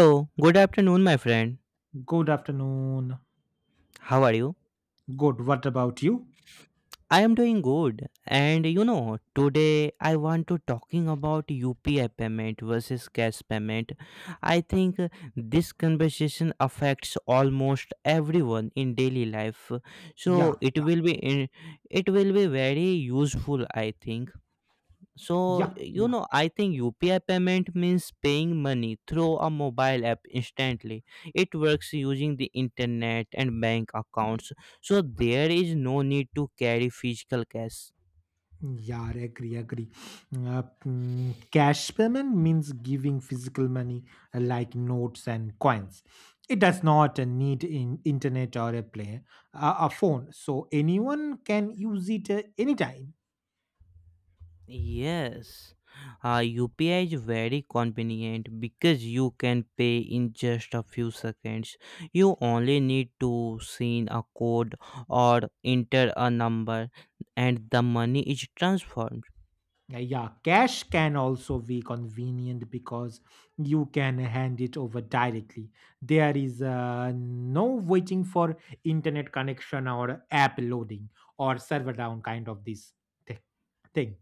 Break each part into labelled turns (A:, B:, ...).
A: So, good afternoon, my friend.
B: Good afternoon.
A: How are you?
B: Good. What about you?
A: I am doing good. And you know, today I want to talking about UPI payment versus cash payment. I think this conversation affects almost everyone in daily life.
B: Yeah.
A: So, it
B: Yeah.
A: will be in, it will be very useful, I think. So, you
B: Yeah.
A: know, I think UPI payment means paying money through a mobile app instantly. It works using the internet and bank accounts. So, there is no need to carry physical cash.
B: Yeah, agree, agree. Cash payment means giving physical money like notes and coins. It does not need in internet or a play a phone, so anyone can use it anytime.
A: Yes. UPI is very convenient because you can pay in just a few seconds. You only need to send a code or enter a number and the money is transferred.
B: Yeah, cash can also be convenient because you can hand it over directly. There is no waiting for internet connection or app loading or server down kind of this thi- thing.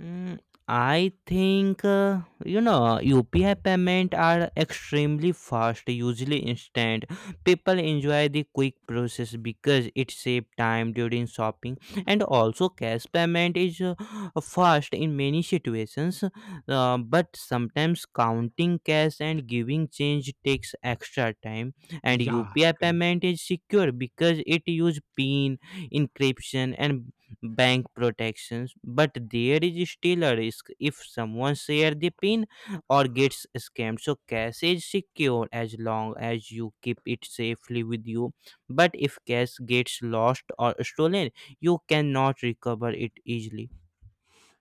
A: Mm, I think you know UPI payment are extremely fast, usually instant. People enjoy the quick process because it saves time during shopping, and also cash payment is fast in many situations. But sometimes counting cash and giving change takes extra time, and
B: Yeah, I
A: UPI
B: agree.
A: payment is secure because it use PIN encryption and bank protections, but there is still a risk if someone share the pin or gets scammed. So cash is secure as long as you keep it safely with you, but if cash gets lost or stolen, you cannot recover it easily.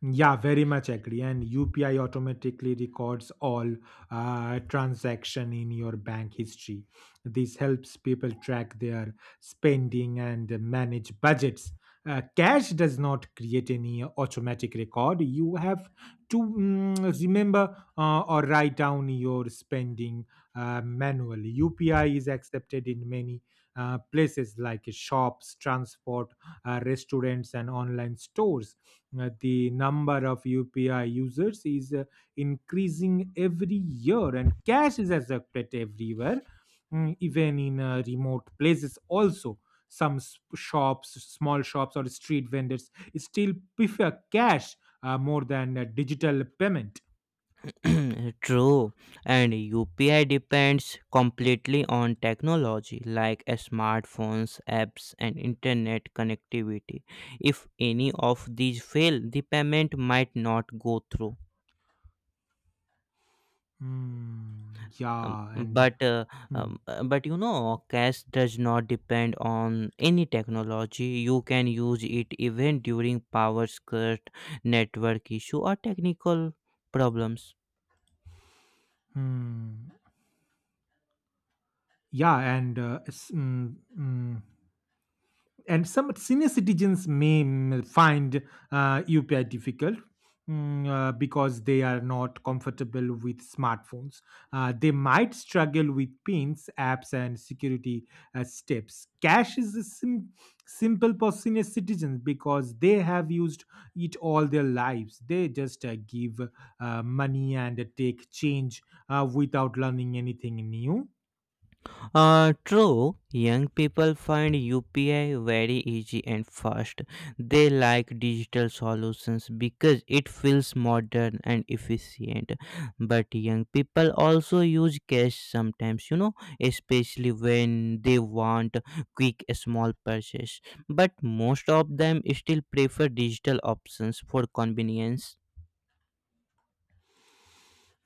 B: Yeah, very much agree. And UPI automatically records all transaction in your bank history. This helps people track their spending and manage budgets. Cash does not create any automatic record. You have to remember or write down your spending manually. UPI is accepted in many places like shops, transport, restaurants, and online stores. The number of UPI users is increasing every year, and cash is accepted everywhere, even in remote places. Also, shops, small shops, or street vendors still prefer cash more than digital payment.
A: True, and UPI depends completely on technology like smartphones, apps, and internet connectivity. If any of these fail, the payment might not go through.
B: Hmm,
A: Um,
B: yeah, and.
A: but uh,
B: Hmm.
A: but you know, cash does not depend on any technology. You can use it even during power cut, network issue, or technical problems.
B: Hmm. Yeah, and and some senior citizens may find UPI difficult, because they are not comfortable with smartphones. They might struggle with pins, apps, and security steps. Cash is simple for senior citizens because they have used it all their lives. They just give money and take change without learning anything new.
A: True, young people find UPI very easy and fast. They like digital solutions because it feels modern and efficient. But young people also use cash sometimes, you know, especially when they want quick small purchase. But most of them still prefer digital options for convenience.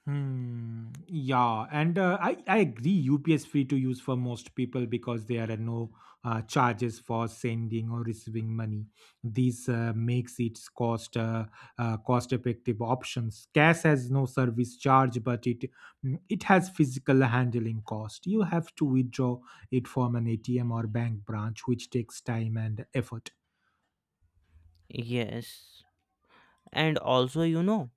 B: Hmm. Yeah, and I agree. UPS free to use for most people because there are no charges for sending or receiving money. This makes it cost effective options. Cash has no service charge, but it has physical handling cost. You have to withdraw it from an ATM or bank branch, which takes time and effort.
A: Yes, and also, you know,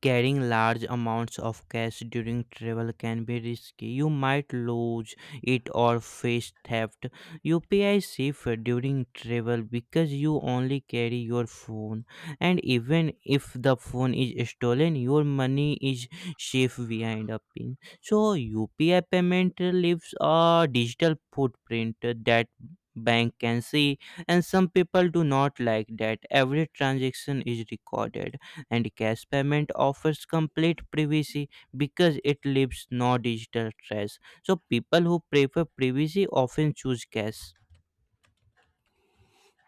A: carrying large amounts of cash during travel can be risky. You might lose it or face theft. UPI is safer during travel because you only carry your phone, and even if the phone is stolen, your money is safe behind a pin. So, UPI payment leaves a digital footprint that bank can see, and some people do not like that every transaction is recorded. And cash payment offers complete privacy because it leaves no digital trace, so people who prefer privacy often choose cash.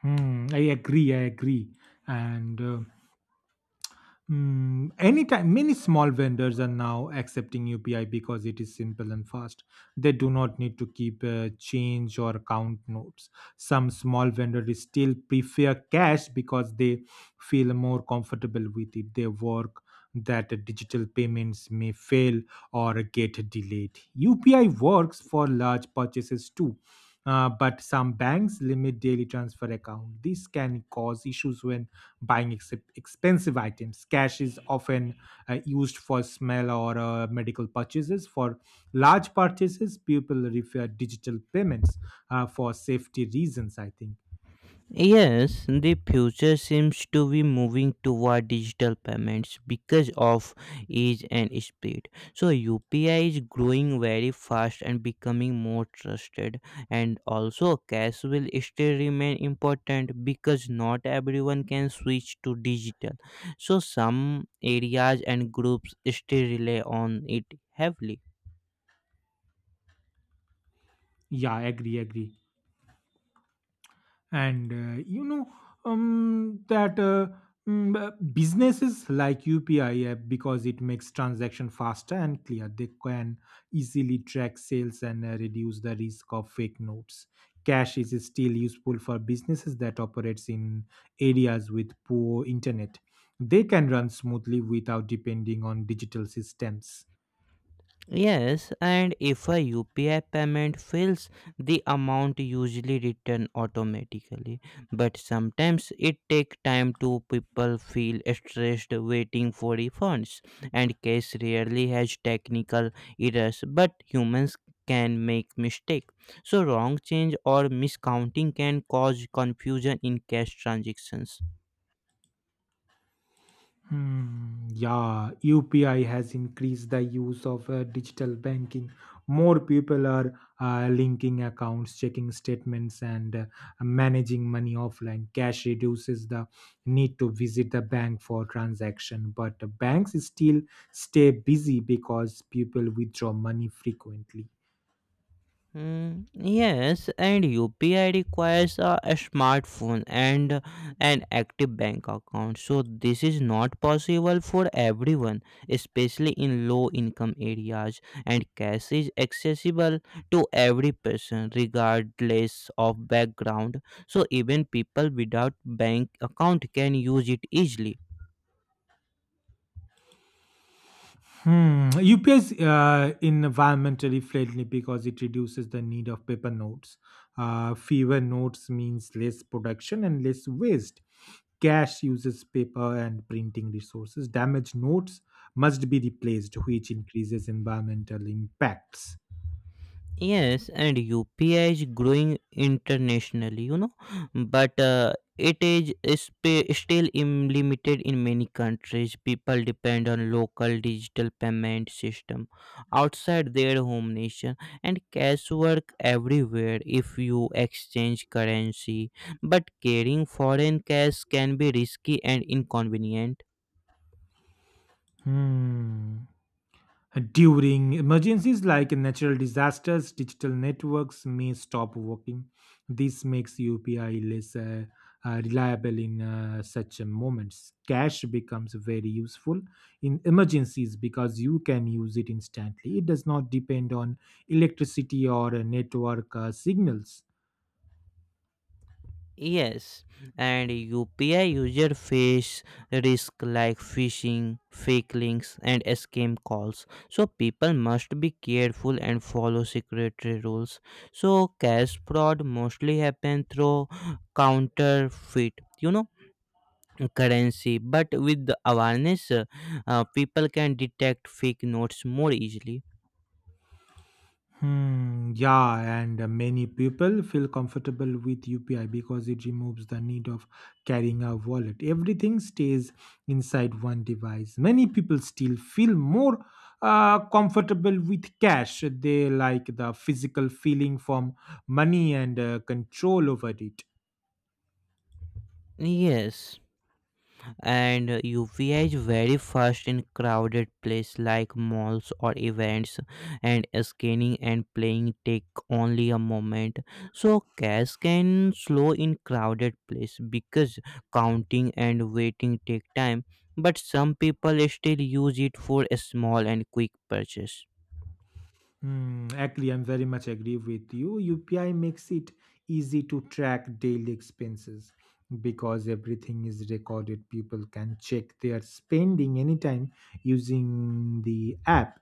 B: Hmm. I agree. I agree. And anytime, many small vendors are now accepting UPI because it is simple and fast. They do not need to keep change or account notes. Some small vendors still prefer cash because they feel more comfortable with it. They work that digital payments may fail or get delayed. UPI works for large purchases too, but some banks limit daily transfer account. This can cause issues when expensive items. Cash is often used for small or medical purchases. For large purchases, people refer digital payments for safety reasons, I think.
A: Yes, the future seems to be moving toward digital payments because of ease and speed. So UPI is growing very fast and becoming more trusted, and also cash will still remain important because not everyone can switch to digital. So some areas and groups still rely on it heavily.
B: Yeah, agree. Agree. And you know that mm, Businesses like UPI app because it makes transaction faster and clear. They can easily track sales and reduce the risk of fake notes. Cash is still useful for businesses that operates in areas with poor internet. They can run smoothly without depending on digital systems.
A: Yes, and if a UPI payment fails, the amount usually return automatically. But sometimes it take time to people feel stressed waiting for refunds. And case rarely has technical errors, but humans can make mistake. So wrong change or miscounting can cause confusion in cash transactions.
B: Hmm, yeah, UPI has increased the use of digital banking. More people are linking accounts, checking statements, and managing money offline. Cash reduces the need to visit the bank for transaction, but banks still stay busy because people withdraw money frequently.
A: Yes, and UPI requires a smartphone and an active bank account. So this is not possible for everyone, especially in low income areas. And cash is accessible to every person regardless of background. So even people without bank account can use it easily.
B: Hmm. UPI is environmentally friendly because it reduces the need of paper notes. Fewer notes means less production and less waste. Cash uses paper and printing resources. Damaged notes must be replaced, which increases environmental impacts.
A: Yes, and UPI is growing internationally, you know, but it is limited in many countries. People depend on local digital payment system outside their home nation, and cash work everywhere if you exchange currency. But carrying foreign cash can be risky and inconvenient.
B: Hmm. During emergencies like natural disasters, digital networks may stop working. This makes UPI less reliable in such moments. Cash becomes very useful in emergencies because you can use it instantly. It does not depend on electricity or network signals.
A: Yes, and UPI user face risk like phishing, fake links, and scam calls. So people must be careful and follow security rules. So cash fraud mostly happen through counterfeit, you know, currency. But with the awareness, people can detect fake notes more easily.
B: Hmm, yeah, and many people feel comfortable with UPI because it removes the need of carrying a wallet. Everything stays inside one device. Many people still feel more comfortable with cash. They like the physical feeling from money and control over it.
A: Yes. And UPI is very fast in crowded place like malls or events, and scanning and playing take only a moment. So cash can slow in crowded place because counting and waiting take time, but some people still use it for a small and quick purchase.
B: Hmm, agree, I'm very much agree with you. UPI makes it easy to track daily expenses because everything is recorded. People can check their spending anytime using the app.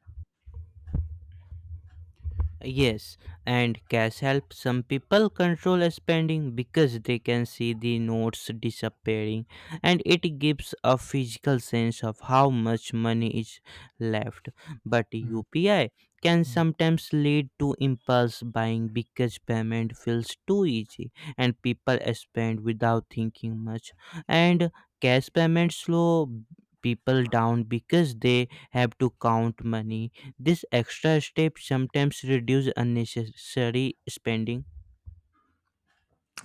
A: Yes, and cash helps some people control spending because they can see the notes disappearing, and it gives a physical sense of how much money is left. But
B: Hmm,
A: UPI can
B: hmm.
A: sometimes lead to impulse buying because payment feels too easy and people spend without thinking much. And cash payments slow people down because they have to count money. This extra step sometimes reduce unnecessary spending.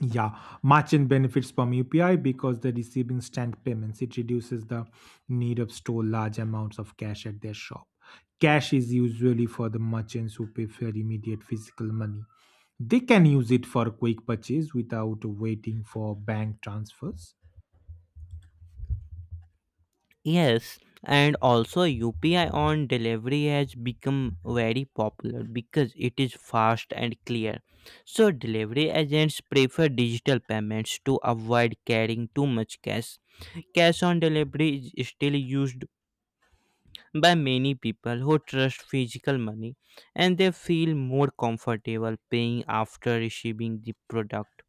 B: Yeah, merchant benefits from UPI because the receiving stand payments. It reduces the need of store large amounts of cash at their shop. Cash is usually for the merchants who prefer immediate physical money. They can use it for quick purchase without waiting for bank transfers.
A: Yes, and also UPI on delivery has become very popular because it is fast and clear. So delivery agents prefer digital payments to avoid carrying too much cash. Cash on delivery is still used by many people who trust physical money, and they feel more comfortable paying after receiving the product.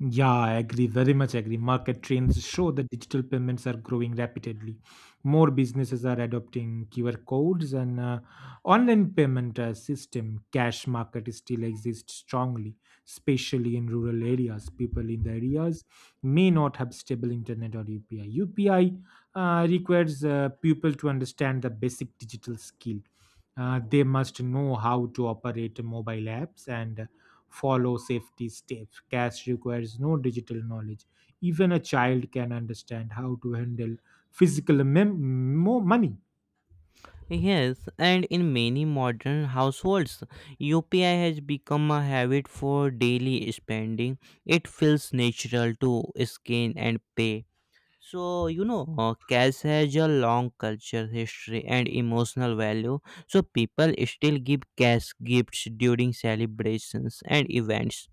B: Yeah, I agree, very much agree. Market trends show that digital payments are growing rapidly. More businesses are adopting QR codes and online payment system. Cash market still exists strongly, especially in rural areas. People in the areas may not have stable internet or UPI. UPI requires people to understand the basic digital skill. They must know how to operate mobile apps and follow safety steps. Cash requires no digital knowledge. Even a child can understand how to handle physical money.
A: Yes, and in many modern households, UPI has become a habit for daily spending. It feels natural to scan and pay. So, you know, cash has a long culture history and emotional value. So, people still give cash gifts during celebrations and events.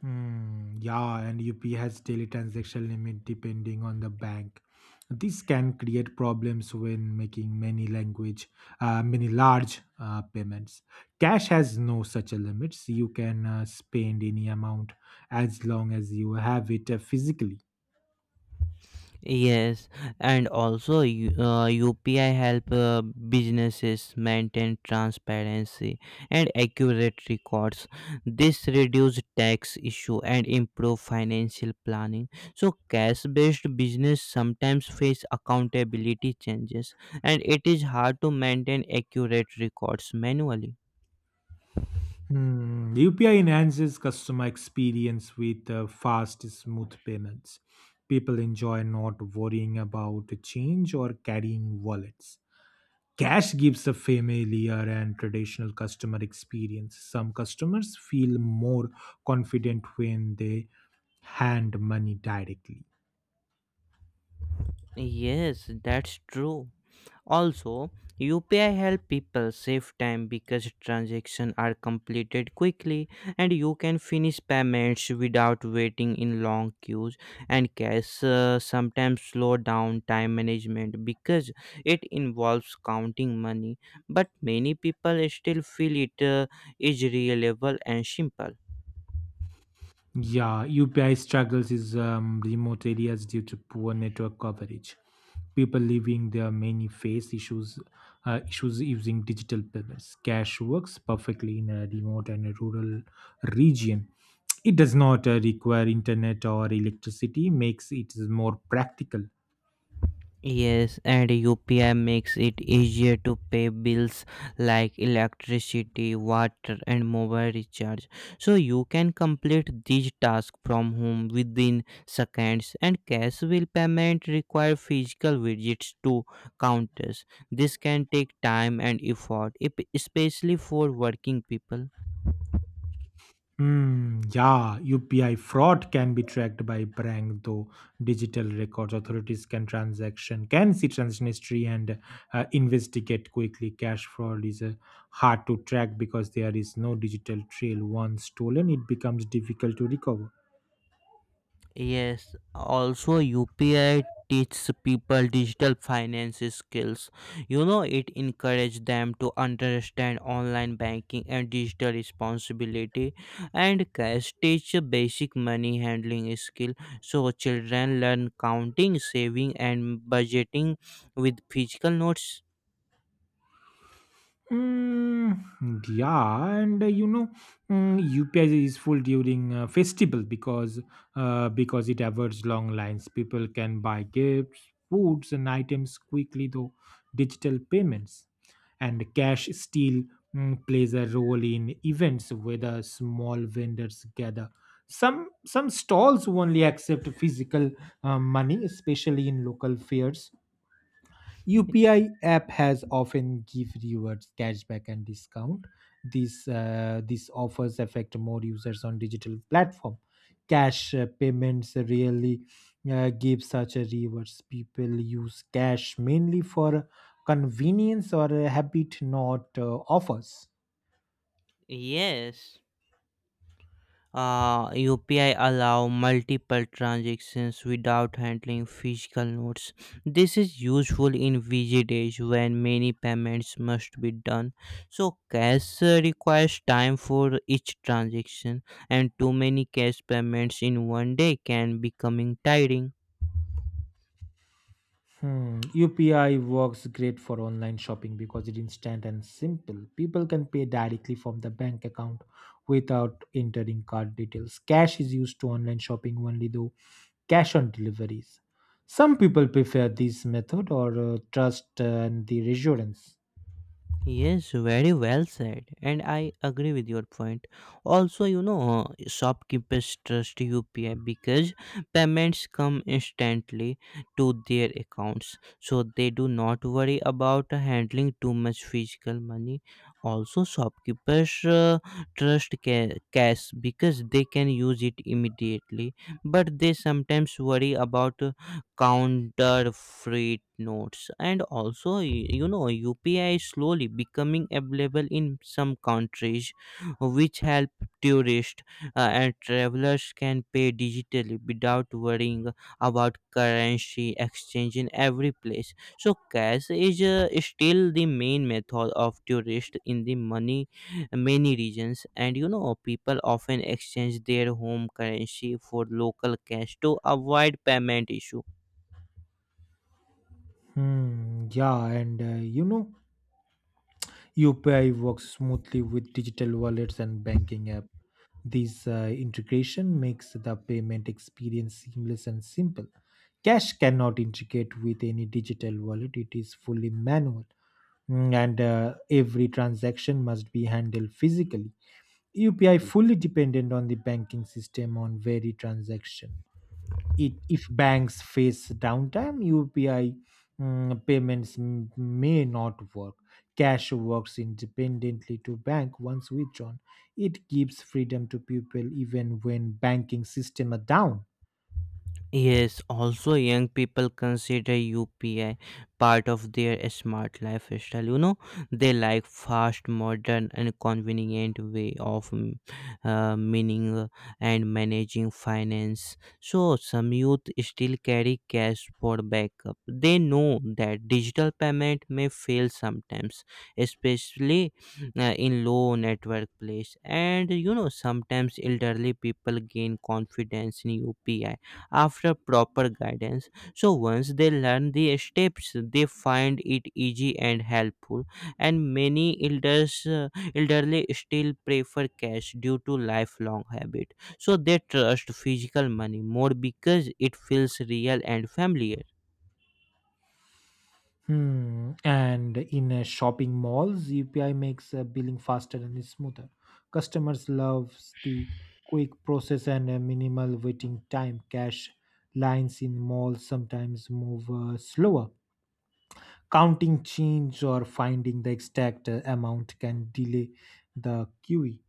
B: Hmm, yeah, and UP has daily transaction limit depending on the bank. This can create problems when making many large payments. Cash has no such a limits. You can spend any amount as long as you have it physically.
A: Yes, and also UPI help businesses maintain transparency and accurate records. This reduce tax issue and improve financial planning. So cash-based business sometimes face accountability changes, and it is hard to maintain accurate records manually.
B: Hmm, UPI enhances customer experience with fast, smooth payments. People enjoy not worrying about change or carrying wallets. Cash gives a familiar and traditional customer experience. Some customers feel more confident when they hand money directly.
A: Yes, that's true. Also, UPI help people save time because transactions are completed quickly and you can finish payments without waiting in long queues. And cash sometimes slow down time management because it involves counting money, but many people still feel it is reliable and simple.
B: Yeah, UPI struggles is remote areas due to poor network coverage. People living there mainly face issues using digital payments. Cash works perfectly in a remote and a rural region. It does not require internet or electricity, makes it more practical.
A: Yes, and UPI makes it easier to pay bills like electricity, water, and mobile recharge. So you can complete these tasks from home within seconds, and cash will payment require physical visits to counters. This can take time and effort, especially for working people.
B: Hmm. Yeah, UPI fraud can be tracked by Prang, though digital records authorities can see transaction history and investigate quickly. Cash fraud is hard to track because there is no digital trail. Once stolen, it becomes difficult to recover.
A: Yes, also UPI teaches people digital finance skills. You know, it encourages them to understand online banking and digital responsibility, and cash teach basic money handling skill. So children learn counting, saving and budgeting with physical notes.
B: Mm, yeah, and UPI is full during festival because it avoids long lines. People can buy gifts, foods, and items quickly though digital payments. And cash still plays a role in events where the small vendors gather. Some stalls only accept physical money, especially in local fairs. UPI app has often give rewards, cashback, and discount. These offers affect more users on digital platform. Cash payments really give such a rewards. People use cash mainly for convenience or habit, not offers.
A: Yes. UPI allow multiple transactions without handling physical notes. This is useful in busy days when many payments must be done. So cash requires time for each transaction, and too many cash payments in one day can becoming tiring.
B: Hmm. UPI works great for online shopping because it's instant and simple. People can pay directly from the bank account without entering card details. Cash is used to online shopping only though cash on deliveries. Some people prefer this method or trust and the reassurance.
A: Yes, very well said, and I agree with your point. Also, you know, shopkeepers trust UPI because payments come instantly to their accounts, so they do not worry about handling too much physical money. Also, shopkeepers trust cash because they can use it immediately, but they sometimes worry about counterfeit notes. And also, you know, UPI is slowly becoming available in some countries, which help tourists and travelers can pay digitally without worrying about currency exchange in every place. So cash is still the main method of tourists in the money many regions, and you know, people often exchange their home currency for local cash to avoid payment issue.
B: Hmm. Yeah, and UPI works smoothly with digital wallets and banking app. This integration makes the payment experience seamless and simple. Cash cannot integrate with any digital wallet, it is fully manual. And every transaction must be handled physically. UPI fully dependent on the banking system on very transaction. It if banks face downtime, UPI payments may not work. Cash works independently to bank. Once withdrawn, it gives freedom to people even when banking system are down.
A: Yes, also young people consider UPI part of their smart lifestyle. You know, they like fast, modern, and convenient way of meaning and managing finance. So some youth still carry cash for backup. They know that digital payment may fail sometimes, especially in low network place. And you know, sometimes elderly people gain confidence in UPI after proper guidance. So once they learn the steps, they find it easy and helpful. And many elderly still prefer cash due to lifelong habit. So they trust physical money more because it feels real and familiar.
B: Hmm. And in shopping malls, UPI makes billing faster and smoother. Customers loves the quick process and minimal waiting time. Cash lines in malls sometimes move slower. Counting change or finding the exact amount can delay the queue.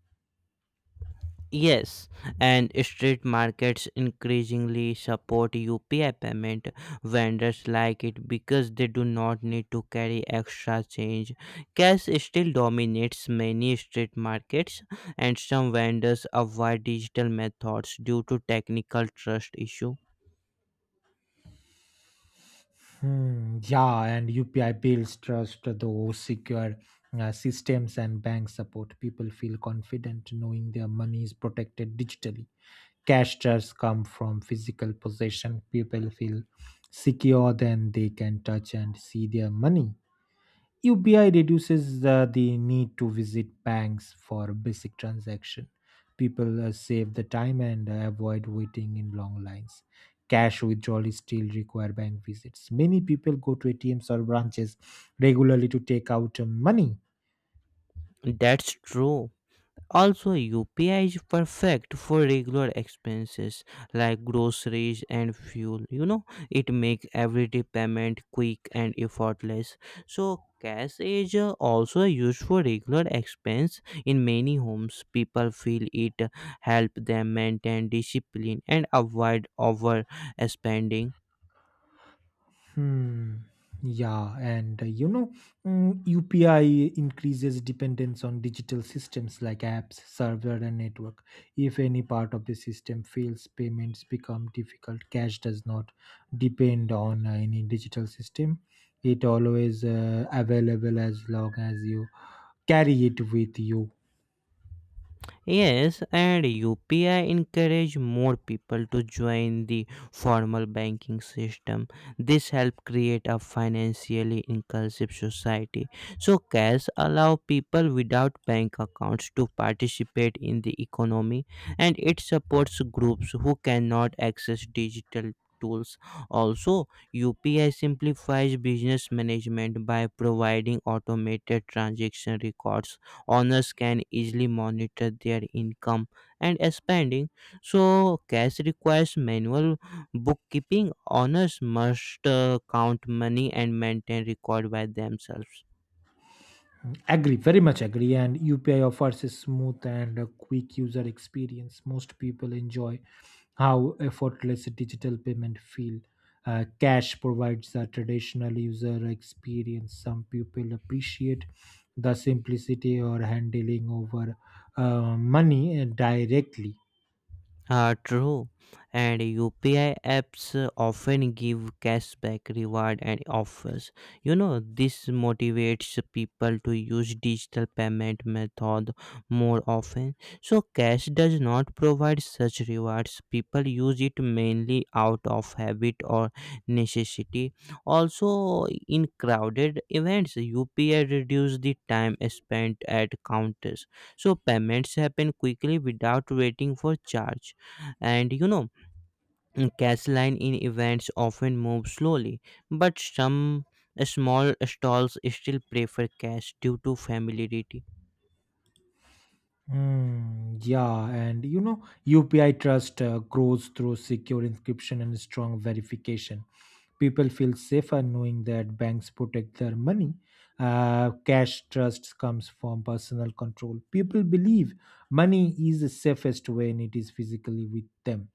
A: Yes, and street markets increasingly support UPI payment. Vendors like it because they do not need to carry extra change. Cash still dominates many street markets, and some vendors avoid digital methods due to technical trust issue.
B: Hmm, yeah, and UPI builds trust though secure systems and bank support. People feel confident knowing their money is protected digitally. Cash jars come from physical possession. People feel secure then they can touch and see their money. UPI reduces the need to visit banks for basic transaction. People save the time and avoid waiting in long lines. Cash withdrawal is still require bank visits. Many people go to ATMs or branches regularly to take out money.
A: That's true. Also, UPI is perfect for regular expenses like groceries and fuel. You know, it makes everyday payment quick and effortless. So, cash is also used for regular expense in many homes. People feel it help them maintain discipline and avoid overspending.
B: Hmm. Yeah, and UPI increases dependence on digital systems like apps, server, and network. If any part of the system fails, payments become difficult. Cash does not depend on any digital system; it always available as long as you carry it with you.
A: Yes, and UPI encourage more people to join the formal banking system. This help create a financially inclusive society. So cash allow people without bank accounts to participate in the economy, and it supports groups who cannot access digital tools. Also, UPI simplifies business management by providing automated transaction records. Owners can easily monitor their income and spending. So, cash requires manual bookkeeping. Owners must count money and maintain record by themselves.
B: Agree, very much agree. And UPI offers a smooth and a quick user experience. Most people enjoy how effortless digital payment feel. Cash provides a traditional user experience. Some people appreciate the simplicity or handling over money directly.
A: True, and UPI apps often give cashback reward and offers. You know, this motivates people to use digital payment method more often. So cash does not provide such rewards. People use it mainly out of habit or necessity. Also, in crowded events, UPI reduces the time spent at counters. So payments happen quickly without waiting for charge and you know mm, cash line in events often move slowly but some small stalls still prefer cash due to familiarity.
B: Yeah, and you know, UPI trust grows through secure encryption and strong verification. People feel safer knowing that banks protect their money. Cash trust comes from personal control. People believe money is the safest when it is physically with them.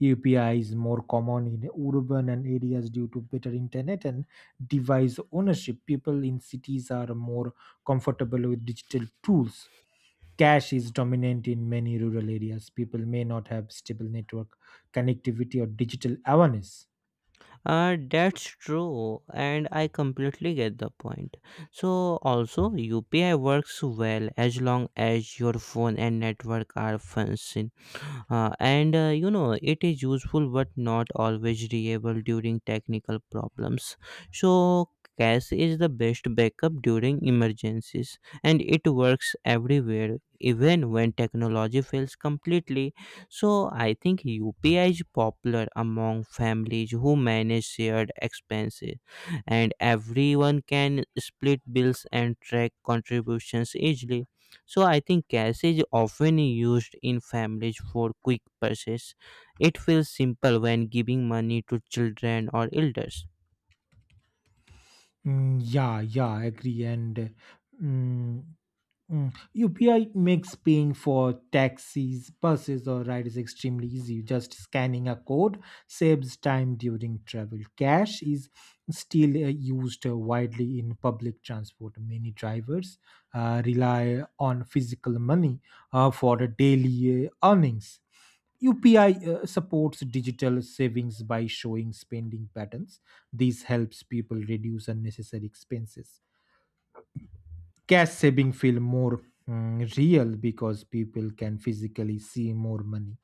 B: UPI is more common in urban and areas due to better internet and device ownership. People in cities are more comfortable with digital tools. Cash is dominant in many rural areas. People may not have stable network connectivity or digital awareness.
A: That's true, and I completely get the point. So also UPI works well as long as your phone and network are functioning. And you know It is useful but not always reliable during technical problems, so cache is the best backup during emergencies and it works everywhere even when technology fails completely. So I think UPI is popular among families who manage shared expenses, and everyone can split bills and track contributions easily. So I think cash is often used in families for quick purchase. It feels simple when giving money to children or elders.
B: Mm, yeah, yeah, I agree. And mm, Mm. UPI makes paying for taxis, buses, or rides extremely easy. Just scanning a code saves time during travel. Cash is still used widely in public transport. Many drivers rely on physical money for daily earnings. UPI supports digital savings by showing spending patterns. This helps people reduce unnecessary expenses. Cash saving feel more real because people can physically see more money.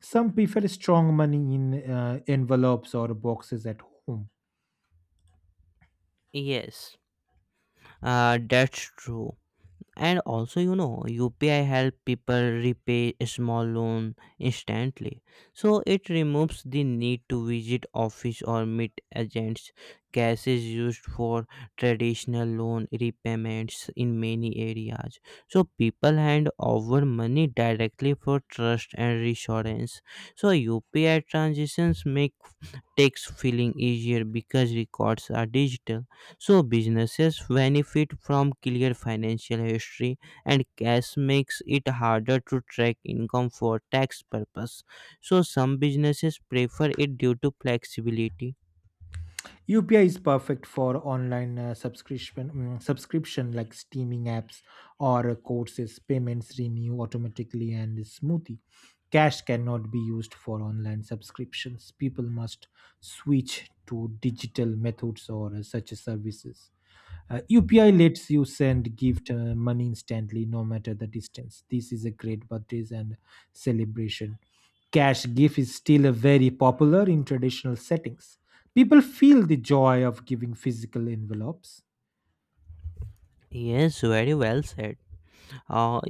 B: Some prefer strong money in envelopes or boxes at home.
A: Yes, that's true. And also, you know, UPI help people repay a small loan instantly, so it removes the need to visit office or meet agents. Cash is used for traditional loan repayments in many areas, so people hand over money directly for trust and reassurance. So UPI transitions make takes feeling easier because records are digital. So businesses benefit from clear financial history, and cash makes it harder to track income for tax purpose. So some businesses prefer it due to flexibility.
B: Upi is perfect for online subscription like streaming apps or courses, payments renew automatically and smoothly. Cash cannot be used for online subscriptions, people must switch to digital methods or such services. UPI lets you send gift money instantly, no matter the distance. This is a great birthdays and celebration. Cash gift is still a very popular in traditional settings. People feel the joy of giving physical envelopes.
A: Yes, very well said. Uh,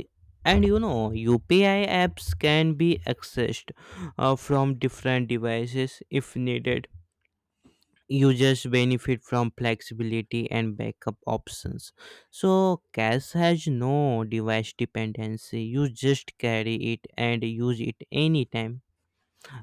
A: and you know, UPI apps can be accessed from different devices if needed. Users benefit from flexibility and backup options. So cash has no device dependency. You just carry it and use it anytime.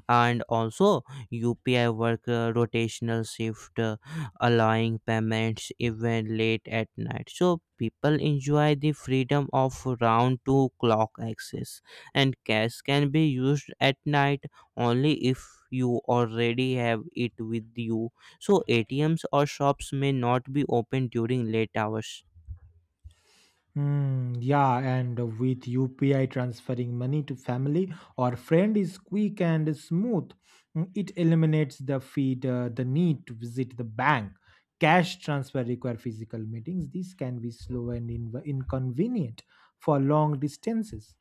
A: And also UPI work rotational shift, allowing payments even late at night, so people enjoy the freedom of round to clock access. And cash can be used at night only if you already have it with you, so ATMs or shops may not be open during late hours.
B: Hmm, yeah, and with UPI transferring money to family or friend is quick and smooth. It eliminates the feed the need to visit the bank. Cash transfer require physical meetings. This can be slow and inconvenient for long distances.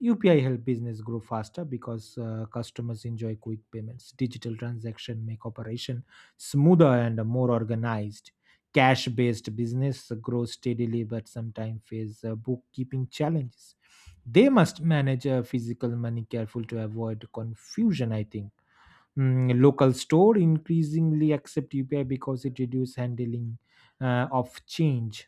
B: UPI help business grow faster because customers enjoy quick payments. Digital transaction make operation smoother and more organized. Cash based business grow steadily but sometimes face bookkeeping challenges. They must manage physical money careful to avoid confusion, I think. Local store increasingly accept upi because it reduces handling of change.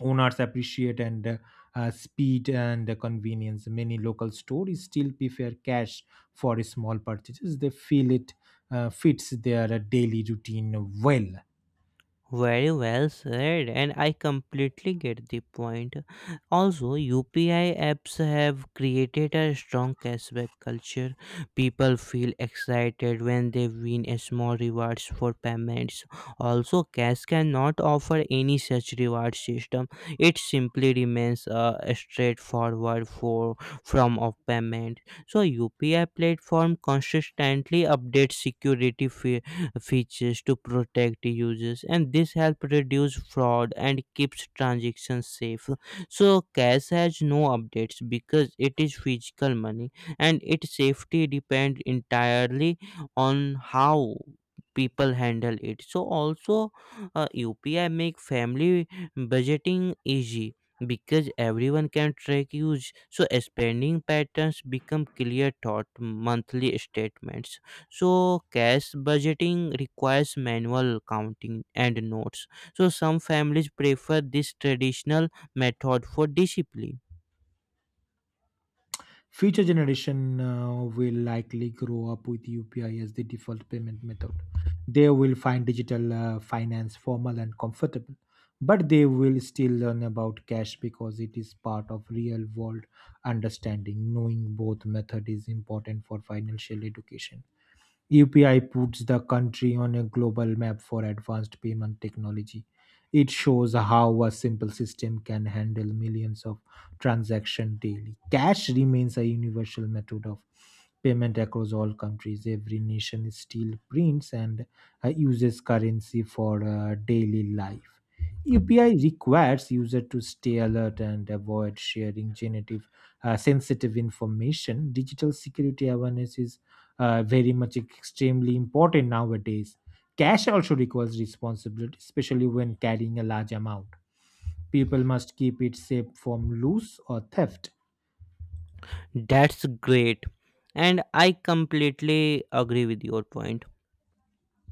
B: Owners appreciate and speed and convenience. Many local stores still prefer cash for small purchases. They feel it fits their daily routine well.
A: Very well said, and I completely get the point. Also, UPI apps have created a strong cashback culture. People feel excited when they win a small rewards for payments. Also, cash cannot offer any such reward system. It simply remains a straightforward for form of payment. So UPI platform consistently updates security features features to protect users, and this help reduce fraud and keeps transactions safe. So cash has no updates because it is physical money, and its safety depends entirely on how people handle it. So also UPI make family budgeting easy because everyone can track use, so spending patterns become clear thought monthly statements. So cash budgeting requires manual counting and notes. So some families prefer this traditional method for discipline.
B: Future generation will likely grow up with UPI as the default payment method. They will find digital finance formal and comfortable, but they will still learn about cash because it is part of real world understanding. Knowing both method is important for financial education. UPI puts the country on a global map for advanced payment technology. It shows how a simple system can handle millions of transactions daily. Cash remains a universal method of payment across all countries. Every nation still prints and uses currency for daily life. UPI requires users to stay alert and avoid sharing genetic sensitive information. Digital security awareness is very much extremely important nowadays. Cash also requires responsibility, especially when carrying a large amount. People must keep it safe from loss or theft.
A: That's great, and I completely agree with your point.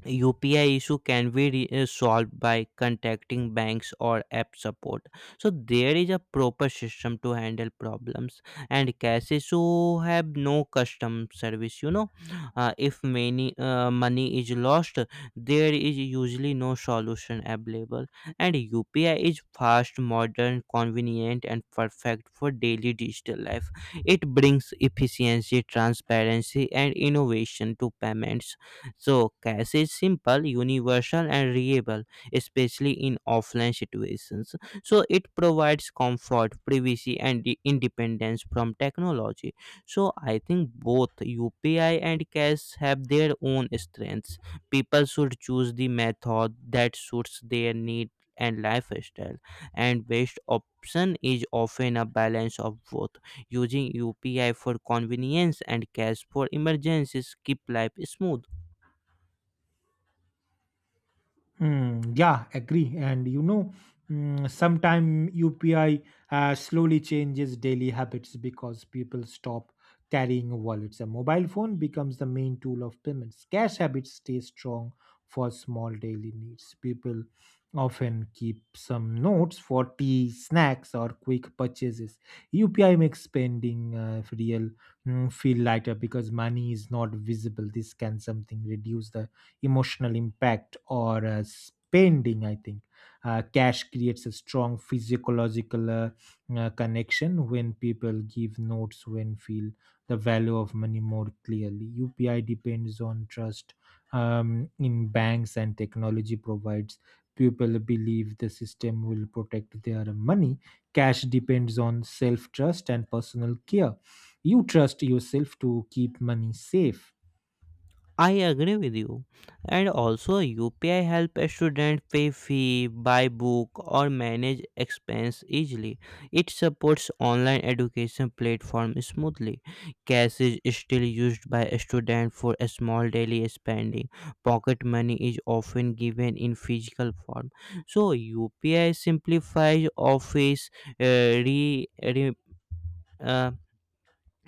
A: UPI issue can be solved by contacting banks or app support. So there is a proper system to handle problems. And cash issue have no custom service. You know, if many money is lost, there is usually no solution available. And UPI is fast, modern, convenient, and perfect for daily digital life. It brings efficiency, transparency, and innovation to payments. So cash is simple, universal, and reliable, especially in offline situations. So it provides comfort, privacy, and the independence from technology. So I think both UPI and cash have their own strengths. People should choose the method that suits their need and lifestyle, and best option is often a balance of both. Using UPI for convenience and cash for emergencies keep life smooth.
B: Mm, yeah, agree. And you know, sometime UPI slowly changes daily habits because people stop carrying wallets. A mobile phone becomes the main tool of payments. Cash habits stay strong for small daily needs. People often keep some notes for tea, snacks, or quick purchases. UPI makes spending feel lighter because money is not visible. This can something reduce the emotional impact or spending, I think. Cash creates a strong physiological connection. When people give notes, when feel the value of money more clearly. Upi depends on trust in banks and technology provides. People believe the system will protect their money. Cash depends on self trust and personal care. You trust yourself to keep money safe.
A: I agree with you. And also UPI help a student pay fee, buy book or manage expense easily. It supports online education platform smoothly. Cash is still used by a student for a small daily spending. Pocket money is often given in physical form. So UPI simplifies office uh, re, re, uh,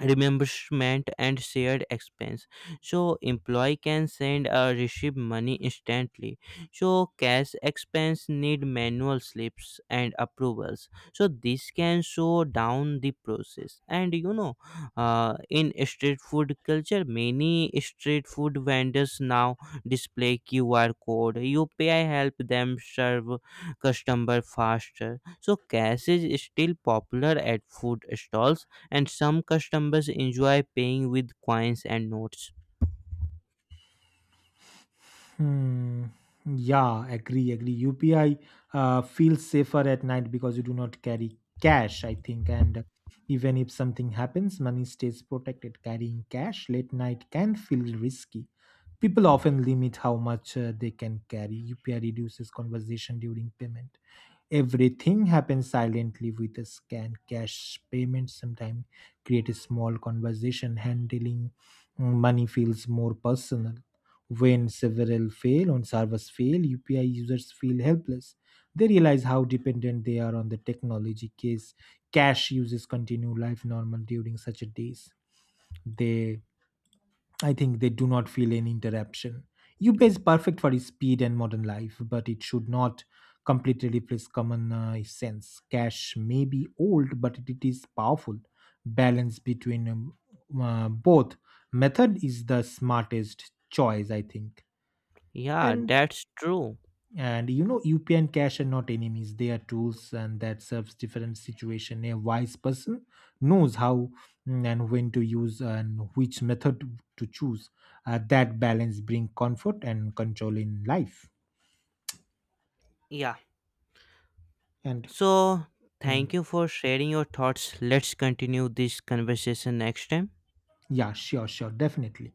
A: reimbursement and shared expense, so employee can send or receive money instantly. So cash expense need manual slips and approvals, so this can slow down the process. And you know, in street food culture, many street food vendors now display QR code. UPI help them serve customer faster. So cash is still popular at food stalls, and some customers enjoy paying with coins and notes.
B: Hmm, yeah, agree. UPI feels safer at night because you do not carry cash, I think. And even if something happens, money stays protected. Carrying cash late night can feel risky. People often limit how much they can carry. UPI reduces conversation during payment, everything happens silently with a scan. Cash payment sometimes create a small conversation, handling money feels more personal. When several fail on servers fail, upi users feel helpless. They realize how dependent they are on the technology. Case Cash uses continue life normal during such a days. They I think they do not feel any interruption. UPI is perfect for its speed and modern life, but it should not completely replace common sense. Cash may be old, but it is powerful. Balance between both method is the smartest choice, I think.
A: Yeah,
B: And
A: that's true.
B: and you know, UPI and cash are not enemies, they are tools and that serves different situation. A wise person knows how and when to use and which method to choose. That balance bring comfort and control in life.
A: Yeah.
B: And
A: So
B: mm,
A: thank you for sharing your thoughts. Let's continue this conversation next time.
B: yeah, sure, sure, definitely.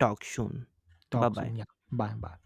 A: Talk soon. Bye
B: Talk
A: bye.
B: soon. Yeah. Bye bye.